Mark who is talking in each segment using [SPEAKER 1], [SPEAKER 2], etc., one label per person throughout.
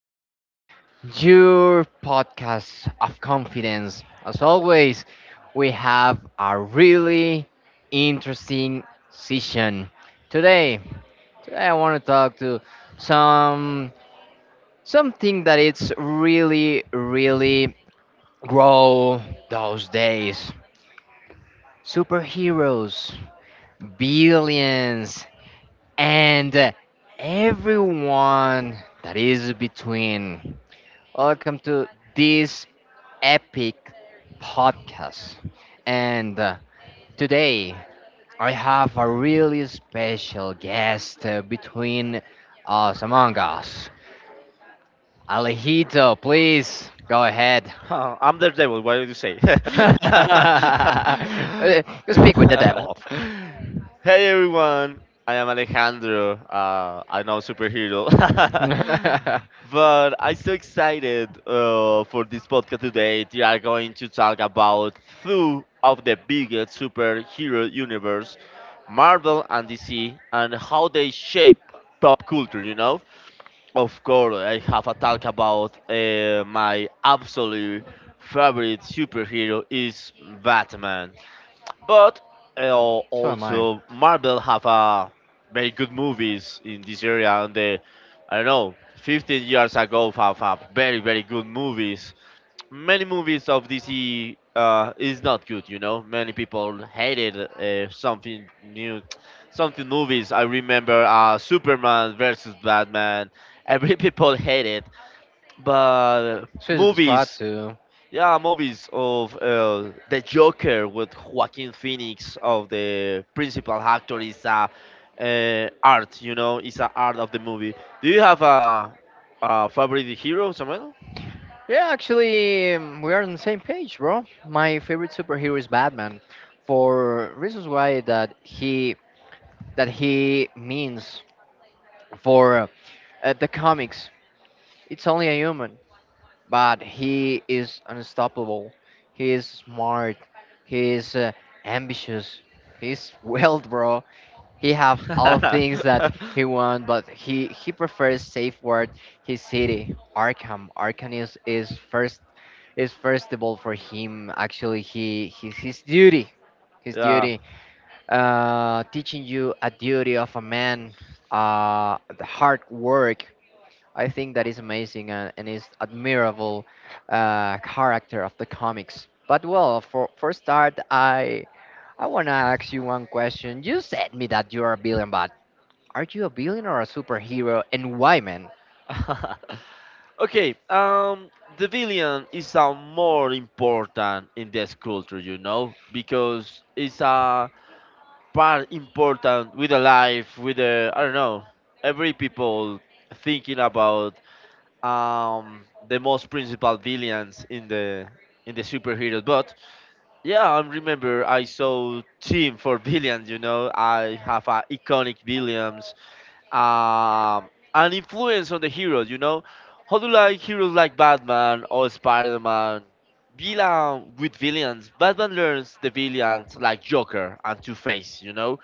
[SPEAKER 1] to your podcast of confidence. As always, we have a really interesting session today. Today, I want to talk to some something that it's really, really grow those days. Superheroes, billions, and everyone that is between. Welcome to this epic podcast. And today I have a really special guest between us among us. Alejito, please go ahead.
[SPEAKER 2] Huh, I'm the devil. What did you say?
[SPEAKER 1] Uh, You speak with the devil.
[SPEAKER 2] Hey everyone, I am Alejandro. I'm now superhero,
[SPEAKER 1] So
[SPEAKER 2] but I'm so excited for this podcast today. We are going to talk about two of the biggest superhero universe, Marvel and DC, and how they shape pop culture. You know. Of course, I have a talk about my absolute favorite superhero is Batman, but
[SPEAKER 1] am I.
[SPEAKER 2] also Marvel have a very good movies in this area. And the I don't know, 15 years ago have a very good movies many movies of DC is not good. You know, many people hated something new, something movies. I remember Superman versus Batman. Every people hate it, but
[SPEAKER 1] So is the Squad
[SPEAKER 2] movies.
[SPEAKER 1] too.
[SPEAKER 2] Yeah, movies of the Joker with Joaquin Phoenix of the principal actor is a art, you know, is a art of the movie. Do you have a favorite hero, Samuel?
[SPEAKER 1] Yeah, actually, we are on the same page, bro. My favorite superhero is Batman, for reasons why that he means for the comics. It's only a human, but he is unstoppable. He is smart. He is ambitious. He's wealth, bro. He have all things that he want, but he prefers safe word his city, Arkham. Arkham is first of all for him. Actually, his duty his
[SPEAKER 2] Yeah.
[SPEAKER 1] duty teaching you a duty of a man, the hard work. I think that is amazing, and is admirable character of the comics. But well, for start, I want to ask you one question. You said me that you are a billion, but are you a billion or a superhero, and why, man?
[SPEAKER 2] Okay. The villain is a more important in this culture, you know, because it's a part important with the life, with the I don't know, every people thinking about um the most principal villains in the superheroes. But yeah, I remember I saw team for villains. You know, I have a iconic villains um, an influence on the heroes. You know, how do like heroes like Batman or Spider Man? Villain with villains. Batman learns the villains like Joker and Two Face. You know,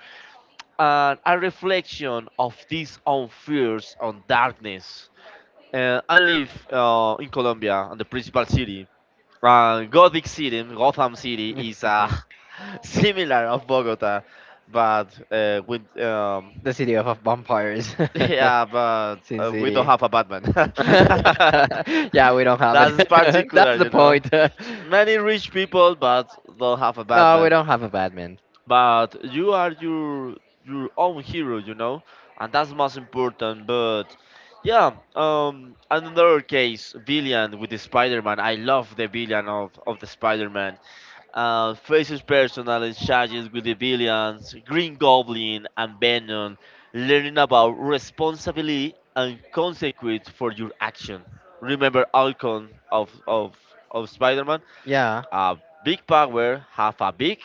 [SPEAKER 2] and a reflection of these own fears on darkness. I live in Colombia, and the principal city. Gothic City, Gotham City, is similar of Bogota, but with
[SPEAKER 1] The city of vampires.
[SPEAKER 2] yeah, but
[SPEAKER 1] Sin
[SPEAKER 2] we don't
[SPEAKER 1] city.
[SPEAKER 2] have a Batman.
[SPEAKER 1] Yeah, we don't have it.
[SPEAKER 2] That's particular,
[SPEAKER 1] That's the
[SPEAKER 2] you know.
[SPEAKER 1] point.
[SPEAKER 2] Many rich people, but don't have a
[SPEAKER 1] No, we
[SPEAKER 2] Batman.
[SPEAKER 1] don't have a Batman.
[SPEAKER 2] But you are your own hero, you know, and that's most important. But yeah, another case, villain with the Spider-Man. I love the villain of the Spider-Man. Fraser's personal exchanges with the villains, Green Goblin, and Venom, learning about responsibility and consequence for your action. Remember Alcon of Spider Man?
[SPEAKER 1] Yeah,
[SPEAKER 2] A big power, half a big?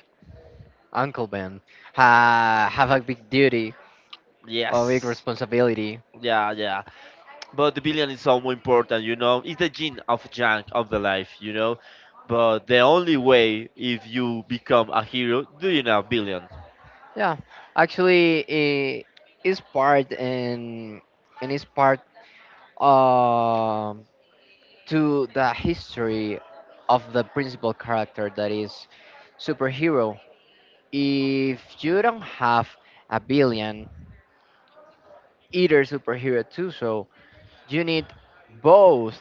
[SPEAKER 1] Uncle Ben. Ha have a big duty, a big
[SPEAKER 2] Yes.
[SPEAKER 1] responsibility.
[SPEAKER 2] Yeah, yeah. But the villain is so important, you know? It's the gene of junk of the life, you know? But the only way if you become a hero, do you know, villain?
[SPEAKER 1] Yeah, actually, it is part in and is part um to the history of the principal character that is superhero. If you don't have a billion, either superhero too, so you need both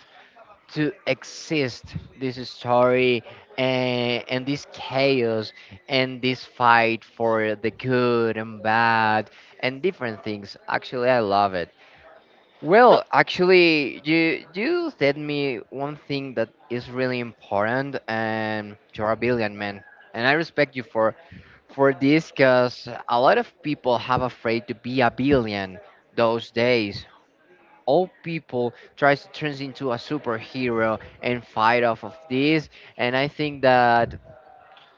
[SPEAKER 1] to exist this story, and this chaos and this fight for the good and bad and different things. Actually, I love it.
[SPEAKER 2] The-
[SPEAKER 1] Well, actually, you said me one thing that is really important, and you're a brilliant man, and I respect you for this, cause a lot of people have afraid to be a billion those days. All people tries to turn into a superhero and fight off of this, and I think that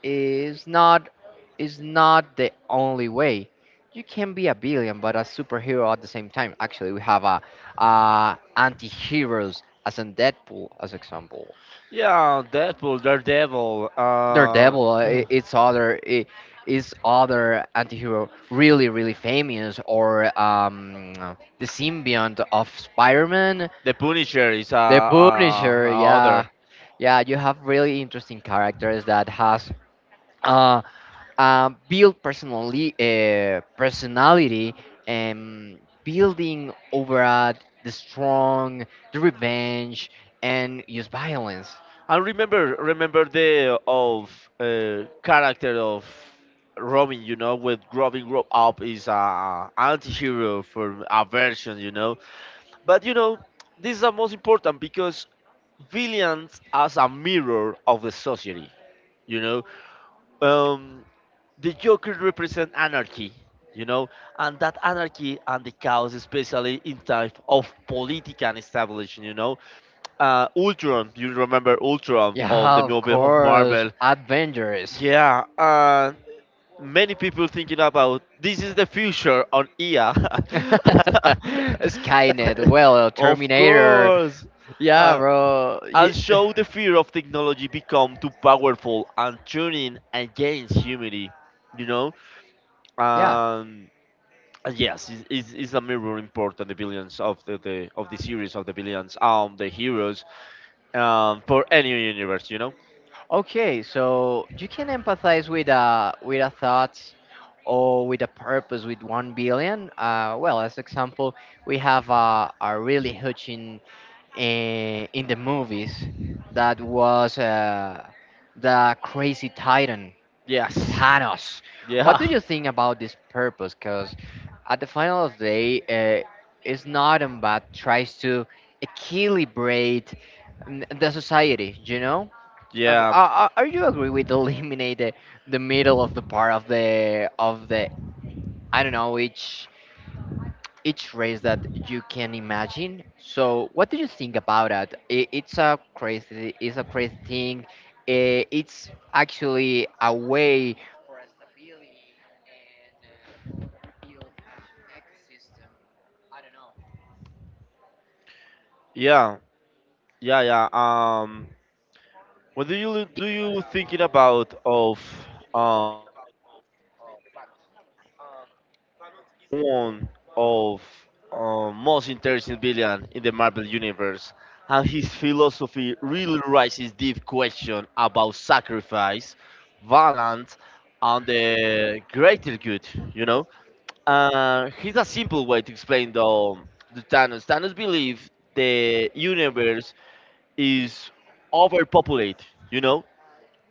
[SPEAKER 1] is not is not the only way. You can be a billion but a superhero at the same time. Actually, we have a anti-heroes as in Deadpool as example.
[SPEAKER 2] yeah, Deadpool, Daredevil,
[SPEAKER 1] Daredevil, uh, i- it's other i- is other anti-hero really famous. Or the symbiont of spider-man.
[SPEAKER 2] the Punisher is
[SPEAKER 1] The
[SPEAKER 2] a
[SPEAKER 1] Punisher, yeah,
[SPEAKER 2] another.
[SPEAKER 1] yeah. You have really interesting characters that has uh, built personally personality and building over at the strong, the revenge, and use violence.
[SPEAKER 2] I remember the of character of Robin, you know, with Robin grow up is a anti-hero for a version, you know. But you know, this is the most important because villains as a mirror of the society, you know. Um, the Joker represents anarchy, you know, and that anarchy and the chaos, especially in type of political establishment, you know. Ultron, you remember Ultron of
[SPEAKER 1] Yeah,
[SPEAKER 2] the
[SPEAKER 1] of
[SPEAKER 2] movie of
[SPEAKER 1] course,
[SPEAKER 2] Marvel?
[SPEAKER 1] Avengers.
[SPEAKER 2] Yeah, and many people thinking about this is the future on IA.
[SPEAKER 1] Skynet, well,
[SPEAKER 2] Of
[SPEAKER 1] Terminator.
[SPEAKER 2] course.
[SPEAKER 1] Yeah,
[SPEAKER 2] Uh,
[SPEAKER 1] bro.
[SPEAKER 2] I'll
[SPEAKER 1] Ye-
[SPEAKER 2] show the fear of technology become too powerful and turning against humanity. You know,
[SPEAKER 1] Yeah.
[SPEAKER 2] um, yes, it's a mirror important the villains of the of the series of the villains, the heroes, for any universe, you know.
[SPEAKER 1] Okay, so you can empathize with a thought or with a purpose with one billion. Well, as example, we have a really huge in, in the movies that was the crazy titan
[SPEAKER 2] Yes,
[SPEAKER 1] Thanos. What do
[SPEAKER 2] yeah,
[SPEAKER 1] you think about this purpose? Because at the final of the day, uh, it's not but tries to equilibrate the society. You know. Yeah.
[SPEAKER 2] yeah,
[SPEAKER 1] Are you agree with eliminate the middle of the part of the I don't know each race that you can imagine? So what do you think about that? I it's a crazy, it's a crazy thing. I it's actually a way for a stability and, rebuild a ecosystem. I don't know.
[SPEAKER 2] yeah, yeah, yeah. What do you thinking about of um, one of most interesting villain in the Marvel universe, and his philosophy really raises deep question about sacrifice, violence, and the greater good. You know, here's a simple way to explain the Thanos. Thanos believe the universe is overpopulated. You know,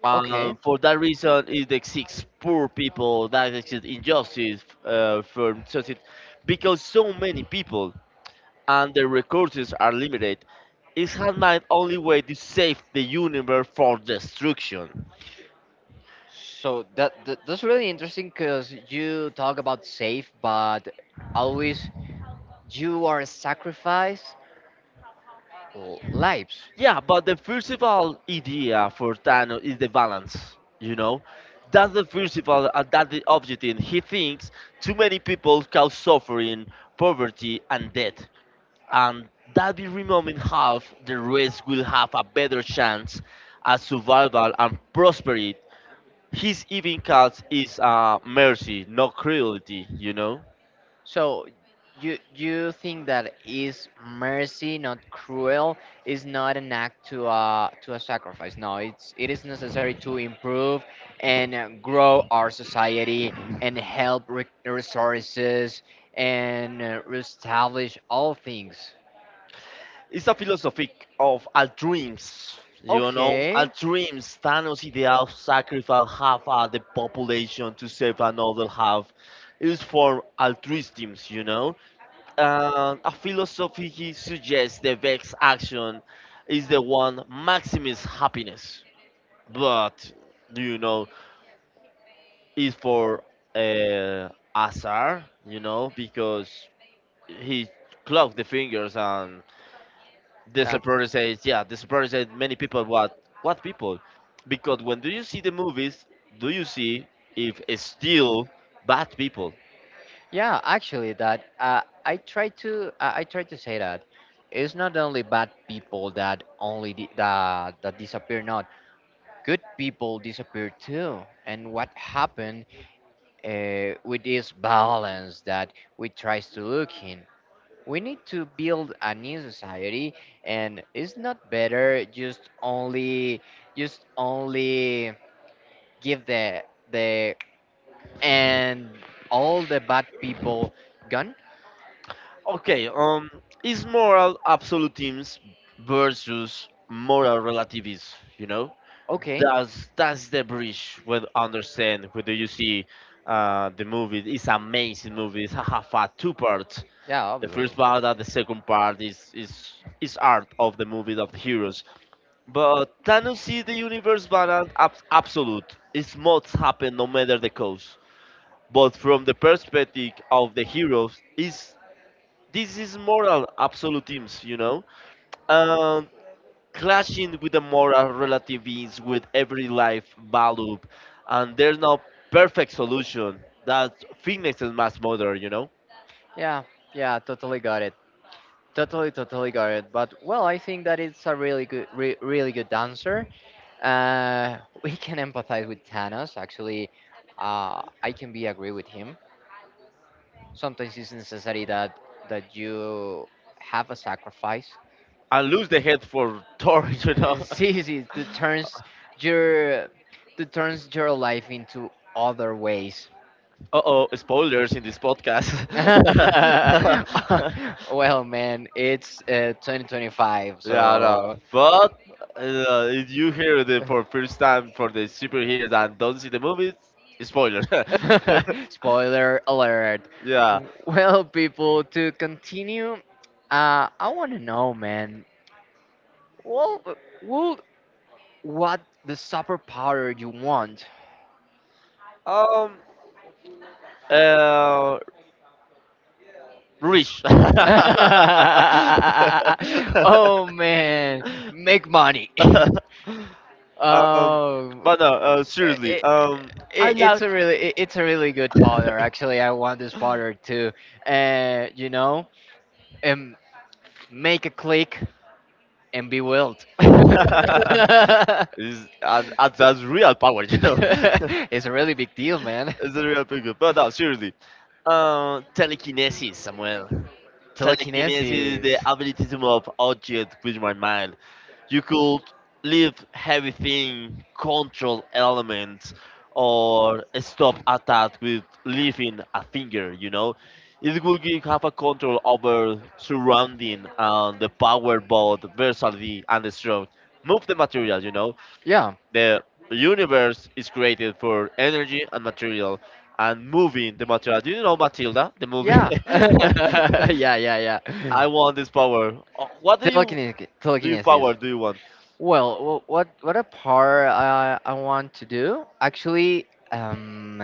[SPEAKER 1] Okay,
[SPEAKER 2] for that reason, it exists poor people that exist injustice from society because so many people and their resources are limited. It's man's only way to save the universe from destruction.
[SPEAKER 1] so that's really interesting because you talk about safe, but always you are sacrifice lives.
[SPEAKER 2] Yeah, but the principal idea for Thanos is the balance. You know, that's the principle and that's the objective. He thinks too many people cause suffering, poverty, and death. And that will remove half, the rest will have a better chance at survival and prosperity. His even cause is mercy, not cruelty, you know?
[SPEAKER 1] So you think that is mercy, not cruel, is not an act to a sacrifice. No, it is necessary to improve and, grow our society and help resources and, reestablish all things.
[SPEAKER 2] It's a philosophy of altruism, you know?
[SPEAKER 1] Okay.
[SPEAKER 2] Altruism, Thanos' idea of sacrifice half of the population to save another half is for altruism, you know? A philosophy he suggests the best action is the one maximus happiness but do you know is for uh, Azar, you know, because he clocked the fingers and the
[SPEAKER 1] Yeah.
[SPEAKER 2] supporter says, yeah, the supporter said many people. What? What people? Because when do you see the movies? Do you see if it's still bad people?
[SPEAKER 1] Yeah, actually, that, I try to say that it's not only bad people that only that disappear. Not good people disappear too. And what happened, with this balance that we tries to look in? We need to build a new society, and it's not better just only give the and all the bad people gone.
[SPEAKER 2] Okay, is moral absolutism versus moral relativism? You know,
[SPEAKER 1] Okay.
[SPEAKER 2] that's the bridge when understand whether you see the movie. It's amazing movie. It's half a two parts.
[SPEAKER 1] Yeah,
[SPEAKER 2] The
[SPEAKER 1] obviously.
[SPEAKER 2] first part and the second part is is art of the movie of the heroes. But Thanos see the universe balance ab- absolute. It's must happen no matter the cause. But from the perspective of the heroes, is this is moral absolutism, you know, and clashing with the moral relativism with every life value, and there's no perfect solution. That fitness is mass murder, you know,
[SPEAKER 1] Yeah, yeah, totally got it. Totally, totally got it. But well, I think that it's a really good, really good answer. We can empathize with Thanos. Actually, I can be agree with him. Sometimes it's necessary that you have a sacrifice.
[SPEAKER 2] and lose the head for Thor, you know.
[SPEAKER 1] See, see, that turns your your life into other ways.
[SPEAKER 2] Uh oh, spoilers in this podcast.
[SPEAKER 1] Well, man, it's, 2025,
[SPEAKER 2] Yeah, no,
[SPEAKER 1] so.
[SPEAKER 2] but if you hear the for first time for the superheroes and don't see the movies, spoiler.
[SPEAKER 1] Spoiler alert.
[SPEAKER 2] Yeah.
[SPEAKER 1] Well, people, to continue, I want to know, man. Well, well, what the superpower you want?
[SPEAKER 2] Um, Uh, Rich.
[SPEAKER 1] Oh man, make money. Oh,
[SPEAKER 2] But no, seriously.
[SPEAKER 1] it,
[SPEAKER 2] I
[SPEAKER 1] it, it's
[SPEAKER 2] love.
[SPEAKER 1] a really it, it's a really good powder. Actually, I want this powder to, uh, you know, um, make a click and be wild.
[SPEAKER 2] is and that's real power, you know.
[SPEAKER 1] It's a really big deal, man.
[SPEAKER 2] It's a real picture. But no, seriously. Telekinesis, Samuel. Telekinesis is
[SPEAKER 1] Telekinesis.
[SPEAKER 2] the ability to move objects with my mind. You could leave heavy thing, control elements, or stop attack with leaving a finger, you know? It will give have a control over surrounding and the power both versatility and the strength. Move the material, you know?
[SPEAKER 1] Yeah.
[SPEAKER 2] The universe is created for energy and material and moving the material. Do you know Matilda, the movie?
[SPEAKER 1] Yeah. Yeah, yeah, yeah.
[SPEAKER 2] I want this power. What do you
[SPEAKER 1] Telekinetic, telekinesis.
[SPEAKER 2] power do you want?
[SPEAKER 1] Well, what a part I want to do. Actually, um,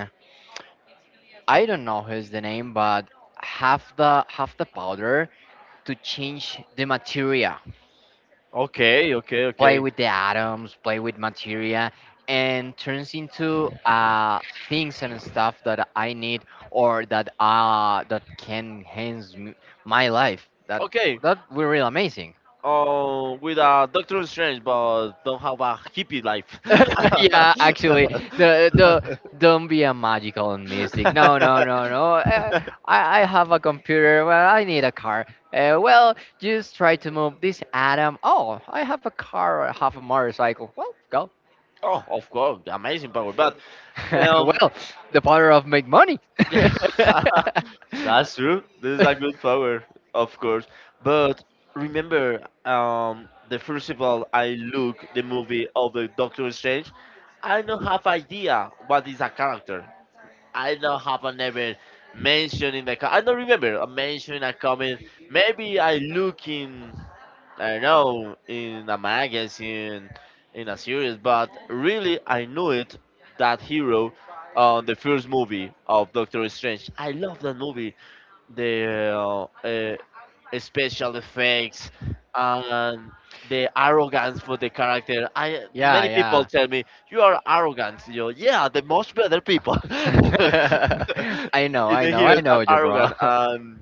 [SPEAKER 1] I don't know who's the name, but half the powder to change the materia.
[SPEAKER 2] Okay, okay,
[SPEAKER 1] Play
[SPEAKER 2] okay.
[SPEAKER 1] with the atoms, play with materia, and turns into things and stuff that I need or that can enhance my life. That
[SPEAKER 2] Okay,
[SPEAKER 1] that will really amazing.
[SPEAKER 2] with Doctor Strange, but don't have a hippie life.
[SPEAKER 1] Yeah, actually, the don't be a magical in music. No, no, no, no. I have a computer. Well, I need a car. Well, just try to move this atom. Oh, I have a car. I have a motorcycle. Well, go.
[SPEAKER 2] Oh, of course, amazing power. But um,
[SPEAKER 1] Well, the power of make money.
[SPEAKER 2] that's true. This is a good power, of course. But remember, the first of all, I look the movie of the Doctor Strange. I don't have idea what is a character. I don't have a never mention in the. Co- I don't remember a mention in a comment. Maybe I look in. I don't know in a magazine, in a series, but really I knew it. That hero, on the first movie of Doctor Strange. I love that movie the special effects and the arrogance for the character. I
[SPEAKER 1] Yeah,
[SPEAKER 2] many people
[SPEAKER 1] yeah.
[SPEAKER 2] tell me you are arrogant. You yeah, the most better people in
[SPEAKER 1] I know, I
[SPEAKER 2] the
[SPEAKER 1] know, I
[SPEAKER 2] heroes are
[SPEAKER 1] know you, bro.
[SPEAKER 2] arrogant. And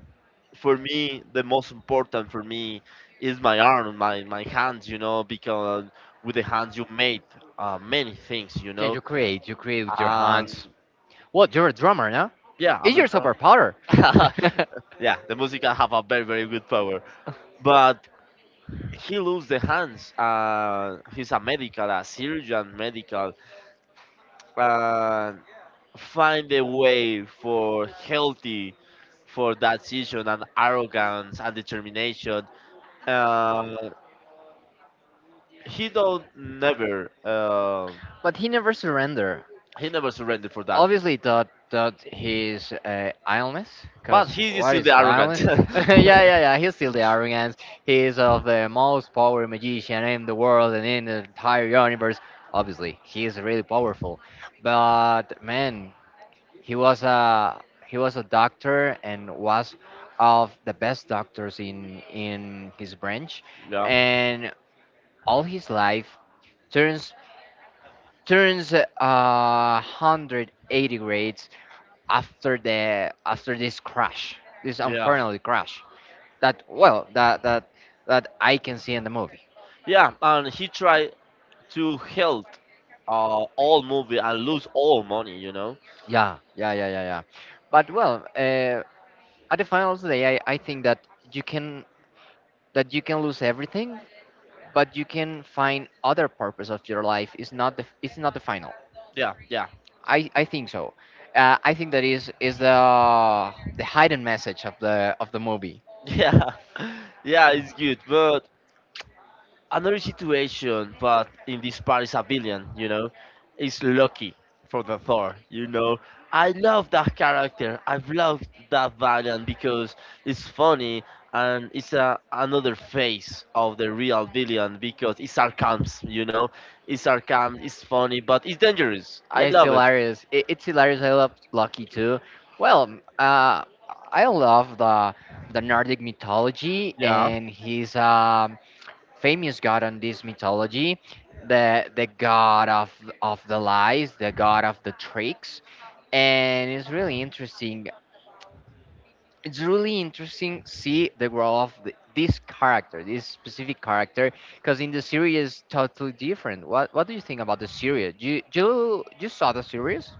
[SPEAKER 2] the most important for me is my arm, my hands. You know, because with the hands you made many things. You
[SPEAKER 1] Yeah,
[SPEAKER 2] know,
[SPEAKER 1] you create with your
[SPEAKER 2] and
[SPEAKER 1] hands. What? You're a drummer, no?
[SPEAKER 2] yeah, I'm
[SPEAKER 1] It's
[SPEAKER 2] the.
[SPEAKER 1] your superpower.
[SPEAKER 2] Yeah, the music have a very good power. But he lose the hands. He's a medical, a surgeon, medical, and find a way for healthy, for that season and arrogance and determination. Uh, he don't never.
[SPEAKER 1] But he never surrendered.
[SPEAKER 2] He never surrendered for that,
[SPEAKER 1] Obviously, that his, illness,
[SPEAKER 2] but
[SPEAKER 1] because
[SPEAKER 2] he is
[SPEAKER 1] what
[SPEAKER 2] still
[SPEAKER 1] is
[SPEAKER 2] the arrogant.
[SPEAKER 1] illness? Yeah, yeah, yeah. He's still the arrogance. He is of the most powerful magician in the world and in the entire universe. Obviously, he is really powerful. But man, he was a doctor and was of the best doctors in his branch,
[SPEAKER 2] Yeah,
[SPEAKER 1] and all his life turns turns, 180 grades after this crash, this
[SPEAKER 2] yeah,
[SPEAKER 1] unfortunately crash that well that that that I can see in the movie.
[SPEAKER 2] yeah, and he tried to help all movie and lose all money. You know.
[SPEAKER 1] Yeah, yeah, yeah, yeah, yeah. But well, at the final of the day, I think you can that you can lose everything, but you can find other purpose of your life. It's not the final.
[SPEAKER 2] Yeah, yeah,
[SPEAKER 1] I think so. I think that is the hidden message of the movie.
[SPEAKER 2] yeah. Yeah, it's good, but another situation, but in this part is a villain, you know, is Loki for the Thor, you know. I love that character. I've loved that villain because it's funny and it's another face of the real villain because it's sarcasm, you know. It's sarcasm, it's funny, but it's dangerous.
[SPEAKER 1] Yeah,
[SPEAKER 2] I
[SPEAKER 1] it's
[SPEAKER 2] love it.
[SPEAKER 1] hilarious. It's hilarious. I love Lucky too. Well, I love the nordic mythology
[SPEAKER 2] Yeah.
[SPEAKER 1] and his, famous god on this mythology, the god of the lies, the god of the tricks, and it's really interesting. It's really interesting see the growth this character, this specific character, because in the series is totally different. What do you think about the series? You saw the series?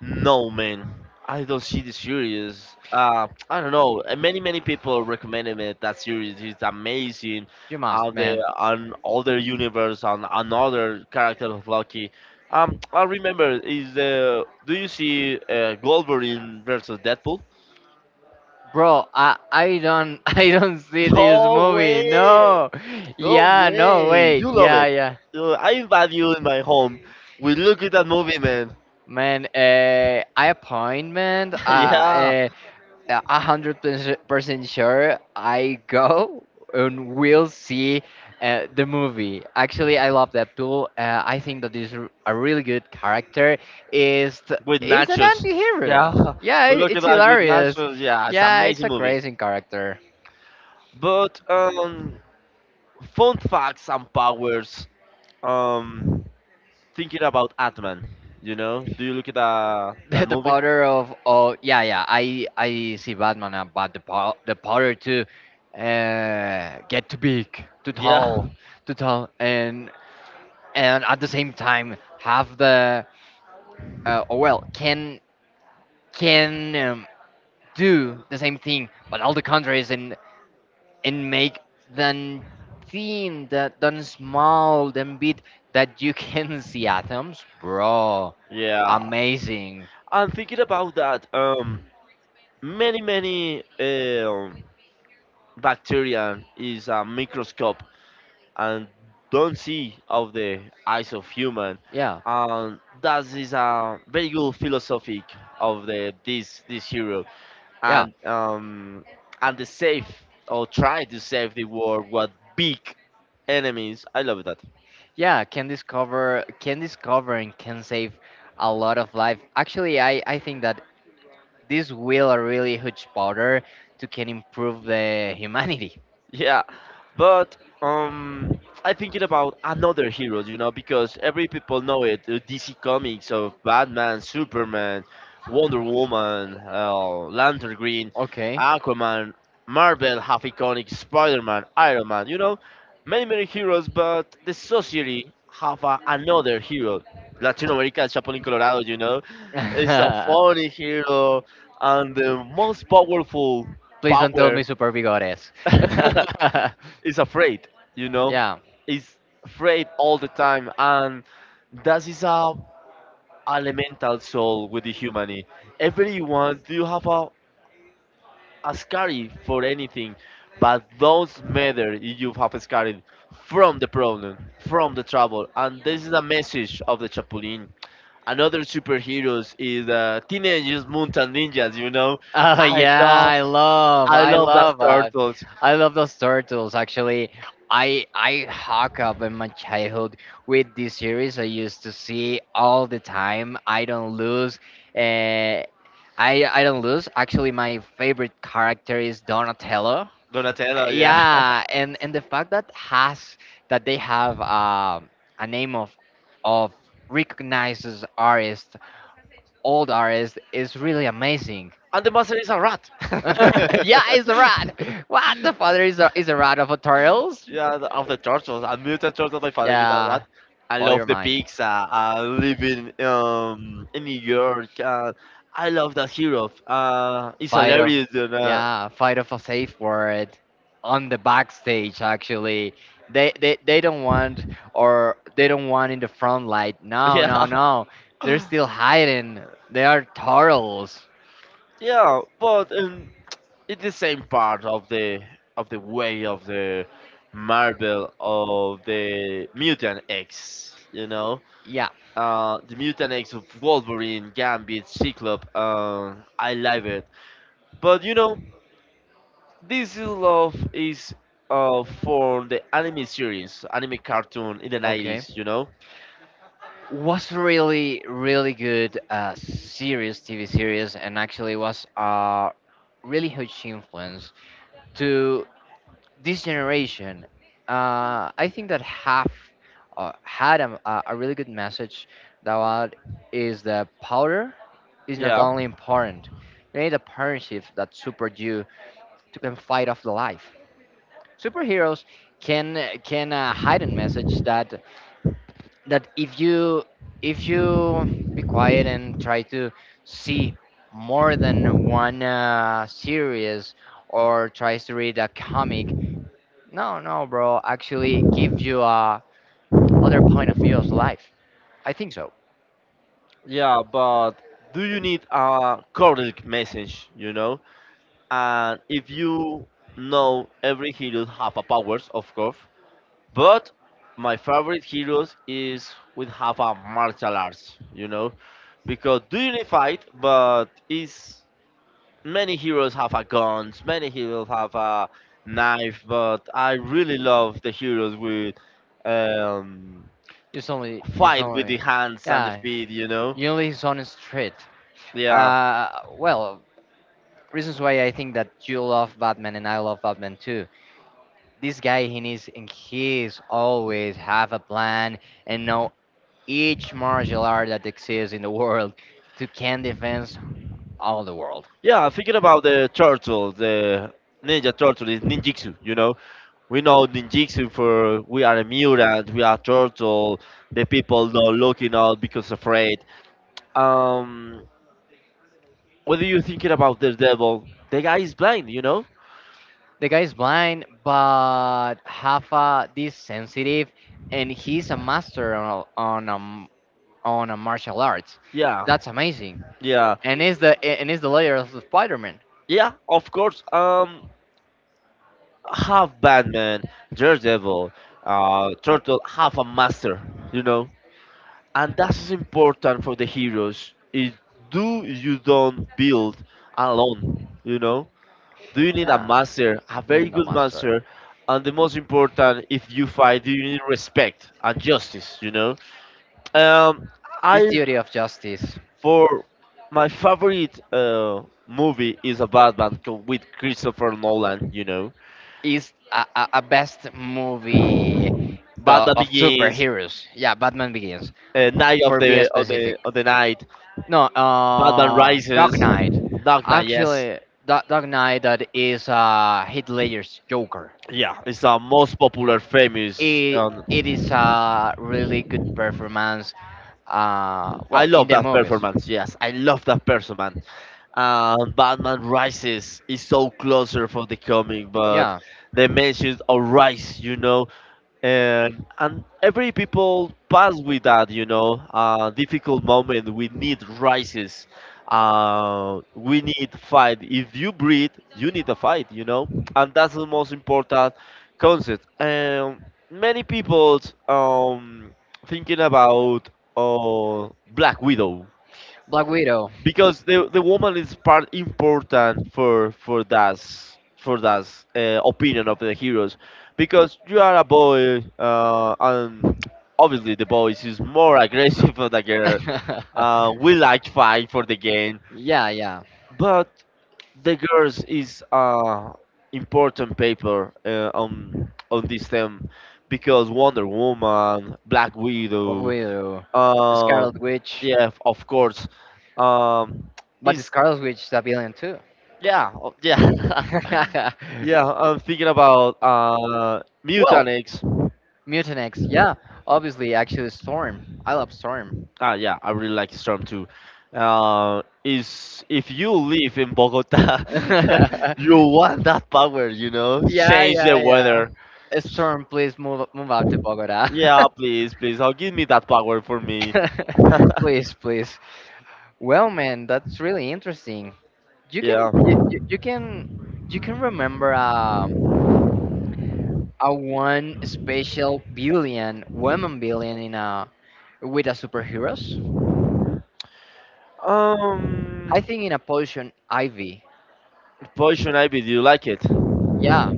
[SPEAKER 2] No, man. I don't see the series. I don't know. Many many people recommended it. That series it's amazing.
[SPEAKER 1] You must,
[SPEAKER 2] The
[SPEAKER 1] man.
[SPEAKER 2] on other universe on another character of Loki. I remember is the do you see Wolverine versus Deadpool?
[SPEAKER 1] Bro, I don't I don't see this
[SPEAKER 2] No
[SPEAKER 1] movie.
[SPEAKER 2] way!
[SPEAKER 1] No.
[SPEAKER 2] No
[SPEAKER 1] Yeah, no,
[SPEAKER 2] way!
[SPEAKER 1] wait.
[SPEAKER 2] You love
[SPEAKER 1] Yeah,
[SPEAKER 2] it.
[SPEAKER 1] yeah.
[SPEAKER 2] I invite you in my home. We look at that movie, man.
[SPEAKER 1] Man, I appointment.
[SPEAKER 2] Yeah.
[SPEAKER 1] 100% sure. I go and we'll see, the movie. Actually, I love that Deadpool. I think that is a really good character. Is th-
[SPEAKER 2] With
[SPEAKER 1] is an
[SPEAKER 2] nachos.
[SPEAKER 1] anti-hero.
[SPEAKER 2] Yeah,
[SPEAKER 1] Yeah,
[SPEAKER 2] we
[SPEAKER 1] it,
[SPEAKER 2] look at
[SPEAKER 1] it's
[SPEAKER 2] that with
[SPEAKER 1] hilarious.
[SPEAKER 2] nachos. Yeah, it's
[SPEAKER 1] Yeah, it's
[SPEAKER 2] amazing
[SPEAKER 1] a
[SPEAKER 2] movie.
[SPEAKER 1] crazy character.
[SPEAKER 2] But fun facts and powers. Um, thinking about Atman. You know, do you look at that
[SPEAKER 1] The,
[SPEAKER 2] that
[SPEAKER 1] the
[SPEAKER 2] movie?
[SPEAKER 1] powder of, oh, yeah, yeah, I see Batman, but the powder to, get too big, too
[SPEAKER 2] Yeah,
[SPEAKER 1] tall too tall and at the same time have the, oh well, can, do the same thing but all the countries, and make then thin, the then small, then bit, that you can see atoms, bro.
[SPEAKER 2] yeah.
[SPEAKER 1] Amazing.
[SPEAKER 2] And thinking about that, many many bacteria is a microscope and don't see of the eyes of human
[SPEAKER 1] Yeah,
[SPEAKER 2] and that is a very good philosophic of the this this hero
[SPEAKER 1] yeah,
[SPEAKER 2] and um and the save or try to save the world what big enemies I love that.
[SPEAKER 1] yeah, can discover and can save a lot of life. Actually, I think that this will a really huge powder to can improve the humanity.
[SPEAKER 2] Yeah, but um, I thinking about another heroes, you know, because every people know it. DC Comics of Batman, Superman, Wonder Woman, Lantern Green,
[SPEAKER 1] Okay.
[SPEAKER 2] Aquaman, Marvel have iconic Spider-Man, Iron Man. You know, many heroes, but the society have a, another hero. Latin America, El Chapulín Colorado, you know, it's a
[SPEAKER 1] Please
[SPEAKER 2] funny hero and the most powerful
[SPEAKER 1] don't tell
[SPEAKER 2] power.
[SPEAKER 1] me super bigores.
[SPEAKER 2] Is afraid, you know,
[SPEAKER 1] Yeah.
[SPEAKER 2] is afraid all the time, and that is a elemental soul with the humanity. Everyone do have a scary for anything, but those matter if you have a scary from the problem, from the trouble, and this is a message of the Chapulin. Another superheroes is teenagers, mutant ninjas. You know,
[SPEAKER 1] Oh
[SPEAKER 2] I
[SPEAKER 1] yeah,
[SPEAKER 2] love,
[SPEAKER 1] i love
[SPEAKER 2] I
[SPEAKER 1] i
[SPEAKER 2] love that
[SPEAKER 1] love
[SPEAKER 2] turtles.
[SPEAKER 1] I love those turtles. Actually, I hook up in my childhood with this series. I used to see all the time. I don't lose. Uh, I don't lose. Actually, my favorite character is Donatello.
[SPEAKER 2] Donatello, yeah.
[SPEAKER 1] Yeah, and the fact that has that they have, a name of recognizes artist, old artist, is really amazing.
[SPEAKER 2] And the monster is a rat.
[SPEAKER 1] Yeah, it's a rat. What the father is a rat of a turtles?
[SPEAKER 2] Yeah, the- of the turtles, a mutant turtle. My father is a
[SPEAKER 1] Yeah,
[SPEAKER 2] rat. I
[SPEAKER 1] blow
[SPEAKER 2] love
[SPEAKER 1] your
[SPEAKER 2] the
[SPEAKER 1] mind.
[SPEAKER 2] pizza. I live in New York. I love that hero. It's
[SPEAKER 1] Fight of,
[SPEAKER 2] hilarious. You know?
[SPEAKER 1] yeah, fight of a safe word on the backstage actually. They don't want, or they don't want in the front light. No,
[SPEAKER 2] Yeah,
[SPEAKER 1] no, no. They're still hiding. They are turtles.
[SPEAKER 2] yeah. But it's the same part of the way of the Marvel of the Mutant X. You know.
[SPEAKER 1] Yeah.
[SPEAKER 2] The mutant of Wolverine, Gambit, Cyclops. I love it. But you know, this is love is for the anime series, anime cartoon in the
[SPEAKER 1] Okay.
[SPEAKER 2] 90s, you know?
[SPEAKER 1] Was really really good series, TV series, and actually was a really huge influence to this generation. I think that half had a really good message that what is the powder is not
[SPEAKER 2] Yeah,
[SPEAKER 1] only important. You need a partnership that support you to can fight off the life. Superheroes can can hide a message that if you if you be quiet and try to see more than one series or tries to read a comic. No no bro, actually gives you a other point of view of life, I think so.
[SPEAKER 2] yeah, but do you need a codec message, you know? And if you know every hero have a powers, of course, but my favorite heroes is with have a martial arts, you know? Because do you fight, but is many heroes have a guns, many heroes have a knife, but I really love the heroes with um,
[SPEAKER 1] you only you
[SPEAKER 2] fight with the
[SPEAKER 1] only
[SPEAKER 2] hands and the
[SPEAKER 1] yeah,
[SPEAKER 2] feet, you know.
[SPEAKER 1] you only is on street.
[SPEAKER 2] Yeah,
[SPEAKER 1] uh well, reasons why I think that you love Batman, and I love Batman too. This guy, he needs, and he's always have a plan and know each martial art that exists in the world to can defense all the world.
[SPEAKER 2] yeah. Thinking about the turtle, the ninja turtle is ninjutsu. You know, we know ninjutsu for we are a mutant, we are turtle. The people not looking out because afraid. Um, What are you thinking about the devil? The guy is blind, you know?
[SPEAKER 1] The guy is blind, but have a, this sensitive, and he's a master on a on a martial arts.
[SPEAKER 2] Yeah,
[SPEAKER 1] That's amazing,
[SPEAKER 2] yeah,
[SPEAKER 1] and is the layer of the Spider-Man.
[SPEAKER 2] yeah. Of course. Half Batman, Daredevil, Turtle, half a master, you know. And that is important for the heroes. It do you don't build alone, you know? Do you need a
[SPEAKER 1] Yeah,
[SPEAKER 2] master, a
[SPEAKER 1] you
[SPEAKER 2] very
[SPEAKER 1] need a
[SPEAKER 2] good
[SPEAKER 1] master.
[SPEAKER 2] master? And the most important, if you fight, do you need respect and justice, you know? Um,
[SPEAKER 1] This
[SPEAKER 2] I
[SPEAKER 1] theory of justice.
[SPEAKER 2] For my favorite movie is a Batman co- with Christopher Nolan. You know,
[SPEAKER 1] Is a best movie, the
[SPEAKER 2] Batman
[SPEAKER 1] of
[SPEAKER 2] Begins,
[SPEAKER 1] superheroes. Yeah, Batman Begins,
[SPEAKER 2] Night of
[SPEAKER 1] for be
[SPEAKER 2] the of the
[SPEAKER 1] specific.
[SPEAKER 2] of the Night,
[SPEAKER 1] No,
[SPEAKER 2] Batman Rises,
[SPEAKER 1] Dark Knight.
[SPEAKER 2] Dark Knight. Yes,
[SPEAKER 1] Actually, Dark Knight, that is Heath Ledger's Joker.
[SPEAKER 2] yeah, it's our most popular, famous.
[SPEAKER 1] It, it is a really good performance.
[SPEAKER 2] I
[SPEAKER 1] Well, in
[SPEAKER 2] love
[SPEAKER 1] the
[SPEAKER 2] that
[SPEAKER 1] movies.
[SPEAKER 2] performance. Yes, I love that performance. Batman Rises is so closer for the comic, but
[SPEAKER 1] Yeah,
[SPEAKER 2] the mentions of Rise, you know, and every people pass with that you know difficult moment we need rises we need fight if you breathe you need a fight you know and that's the most important concept and many people um, thinking about black widow
[SPEAKER 1] Black Widow.
[SPEAKER 2] because the woman is part important for that opinion of the heroes because you are a boy and obviously the boys is more aggressive than the girl we like fight for the game
[SPEAKER 1] Yeah, yeah.
[SPEAKER 2] but the girls is important paper on this theme because Wonder Woman, Black
[SPEAKER 1] What
[SPEAKER 2] Widow,
[SPEAKER 1] we do?
[SPEAKER 2] uh,
[SPEAKER 1] Scarlet Witch?
[SPEAKER 2] yeah, of course, um,
[SPEAKER 1] But the
[SPEAKER 2] is
[SPEAKER 1] Scarlet Witch is a villain too.
[SPEAKER 2] Yeah, oh, yeah, yeah. I'm thinking about
[SPEAKER 1] Well,
[SPEAKER 2] Mutanex.
[SPEAKER 1] Mutinex, yeah. Obviously, actually, Storm. I love Storm.
[SPEAKER 2] Ah, yeah, I really like Storm too. Is if you live in Bogota, you want that power, you know?
[SPEAKER 1] Yeah,
[SPEAKER 2] Change
[SPEAKER 1] yeah,
[SPEAKER 2] the weather.
[SPEAKER 1] yeah. Storm, please move out to Bogota.
[SPEAKER 2] Yeah, please, please. Oh, give me that power for me.
[SPEAKER 1] Please, please. Well, man, that's really interesting. You can you,
[SPEAKER 2] Yeah.
[SPEAKER 1] you, you can remember a one special billion woman billion in a with a superheroes. I
[SPEAKER 2] Um,
[SPEAKER 1] think in a position Ivy.
[SPEAKER 2] Poison ivy. Do you like it?
[SPEAKER 1] Yeah,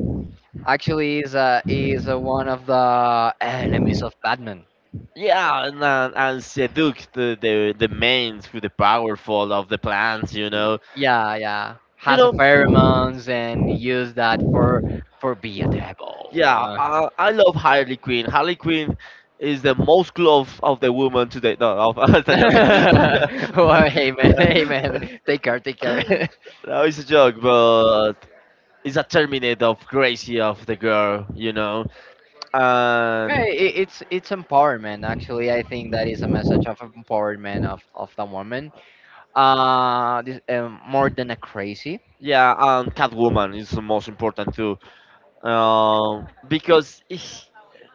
[SPEAKER 1] actually is a one of the enemies of Batman.
[SPEAKER 2] Yeah, and seduct the mains with the powerful of the plants, you know.
[SPEAKER 1] Yeah, yeah,
[SPEAKER 2] You
[SPEAKER 1] has a
[SPEAKER 2] know,
[SPEAKER 1] pheromones and use that for be a devil.
[SPEAKER 2] yeah, I love Harley Quinn. Harley Quinn is the most glove of the woman today. The no, it's a joke.
[SPEAKER 1] Oh, hey man, take care, take care.
[SPEAKER 2] No, it's a joke, but it's a terminate of crazy of the girl, you know. And
[SPEAKER 1] Right, it's empowerment. Actually, I think that is a message of empowerment of the woman. This, more than a crazy.
[SPEAKER 2] yeah, and Catwoman is the most important too. Because he-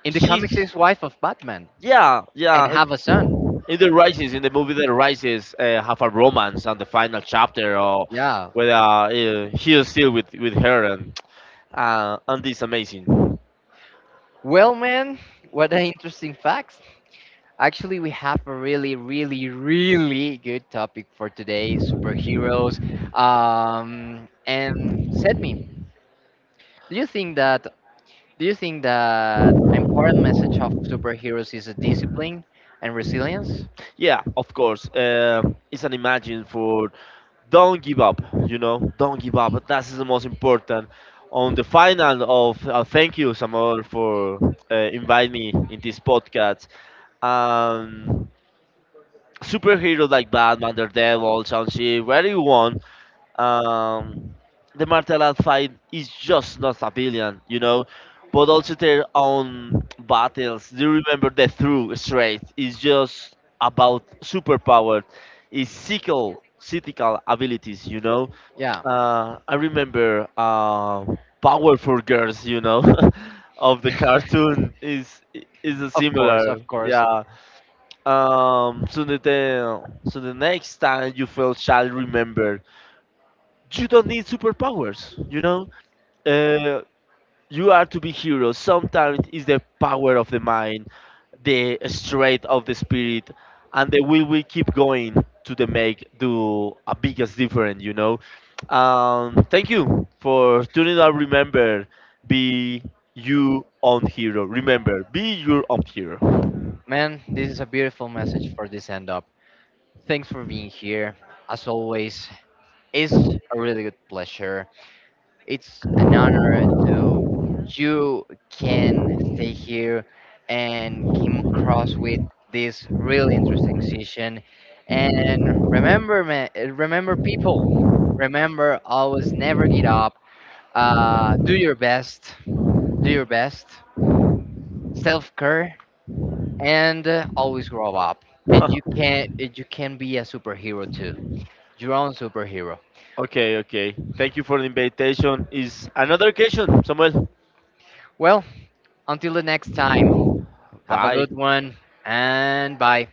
[SPEAKER 1] In the comics,
[SPEAKER 2] she's
[SPEAKER 1] is wife of Batman,
[SPEAKER 2] yeah yeah
[SPEAKER 1] and
[SPEAKER 2] and
[SPEAKER 1] have a son.
[SPEAKER 2] in the rises in the movie the rises have a romance and the final chapter or
[SPEAKER 1] Yeah.
[SPEAKER 2] whether he is still with her and it's amazing
[SPEAKER 1] Well, man, what an interesting facts. Actually, we have a really, really, really good topic for today: superheroes. And set me. Do you think that? Do you think that important message of superheroes is a discipline and resilience?
[SPEAKER 2] yeah of course it's an imagine for don't give up you know don't give up that's the most important on the final of thank you samuel for inviting me in this podcast um, Superheroes like Batman, Daredevil, Shang-Chi, where you want, um, the martial art fight is just not civilian, you know, but also their own battles. Do you remember the through straight? It's just about superpower, it's physical, physical abilities, you know.
[SPEAKER 1] Yeah,
[SPEAKER 2] I remember Powerful Girls, you know, of the cartoon is a
[SPEAKER 1] of course,
[SPEAKER 2] similar,
[SPEAKER 1] of course.
[SPEAKER 2] yeah. So that the so the next time you feel child remembered, you don't need superpowers. You know, uh, you are to be heroes. Sometimes it's the power of the mind, the strength of the spirit, and the will we keep going to the make do a biggest difference. You know, thank you for tuning up. Remember, be you own hero. Remember, be your own hero.
[SPEAKER 1] Man, this is a beautiful message for this end up. Thanks for being here. As always, it's a really good pleasure. It's an honor to you can stay here and came across with this really interesting session. And remember, man, remember people. Remember, always never get up. Do your best. Do your best. Self care, and always grow up. And you can be a superhero too, your own superhero.
[SPEAKER 2] Okay, okay. Thank you for the invitation. Is another occasion, Samuel.
[SPEAKER 1] Well, until the next time, have a
[SPEAKER 2] Bye.
[SPEAKER 1] good one and bye.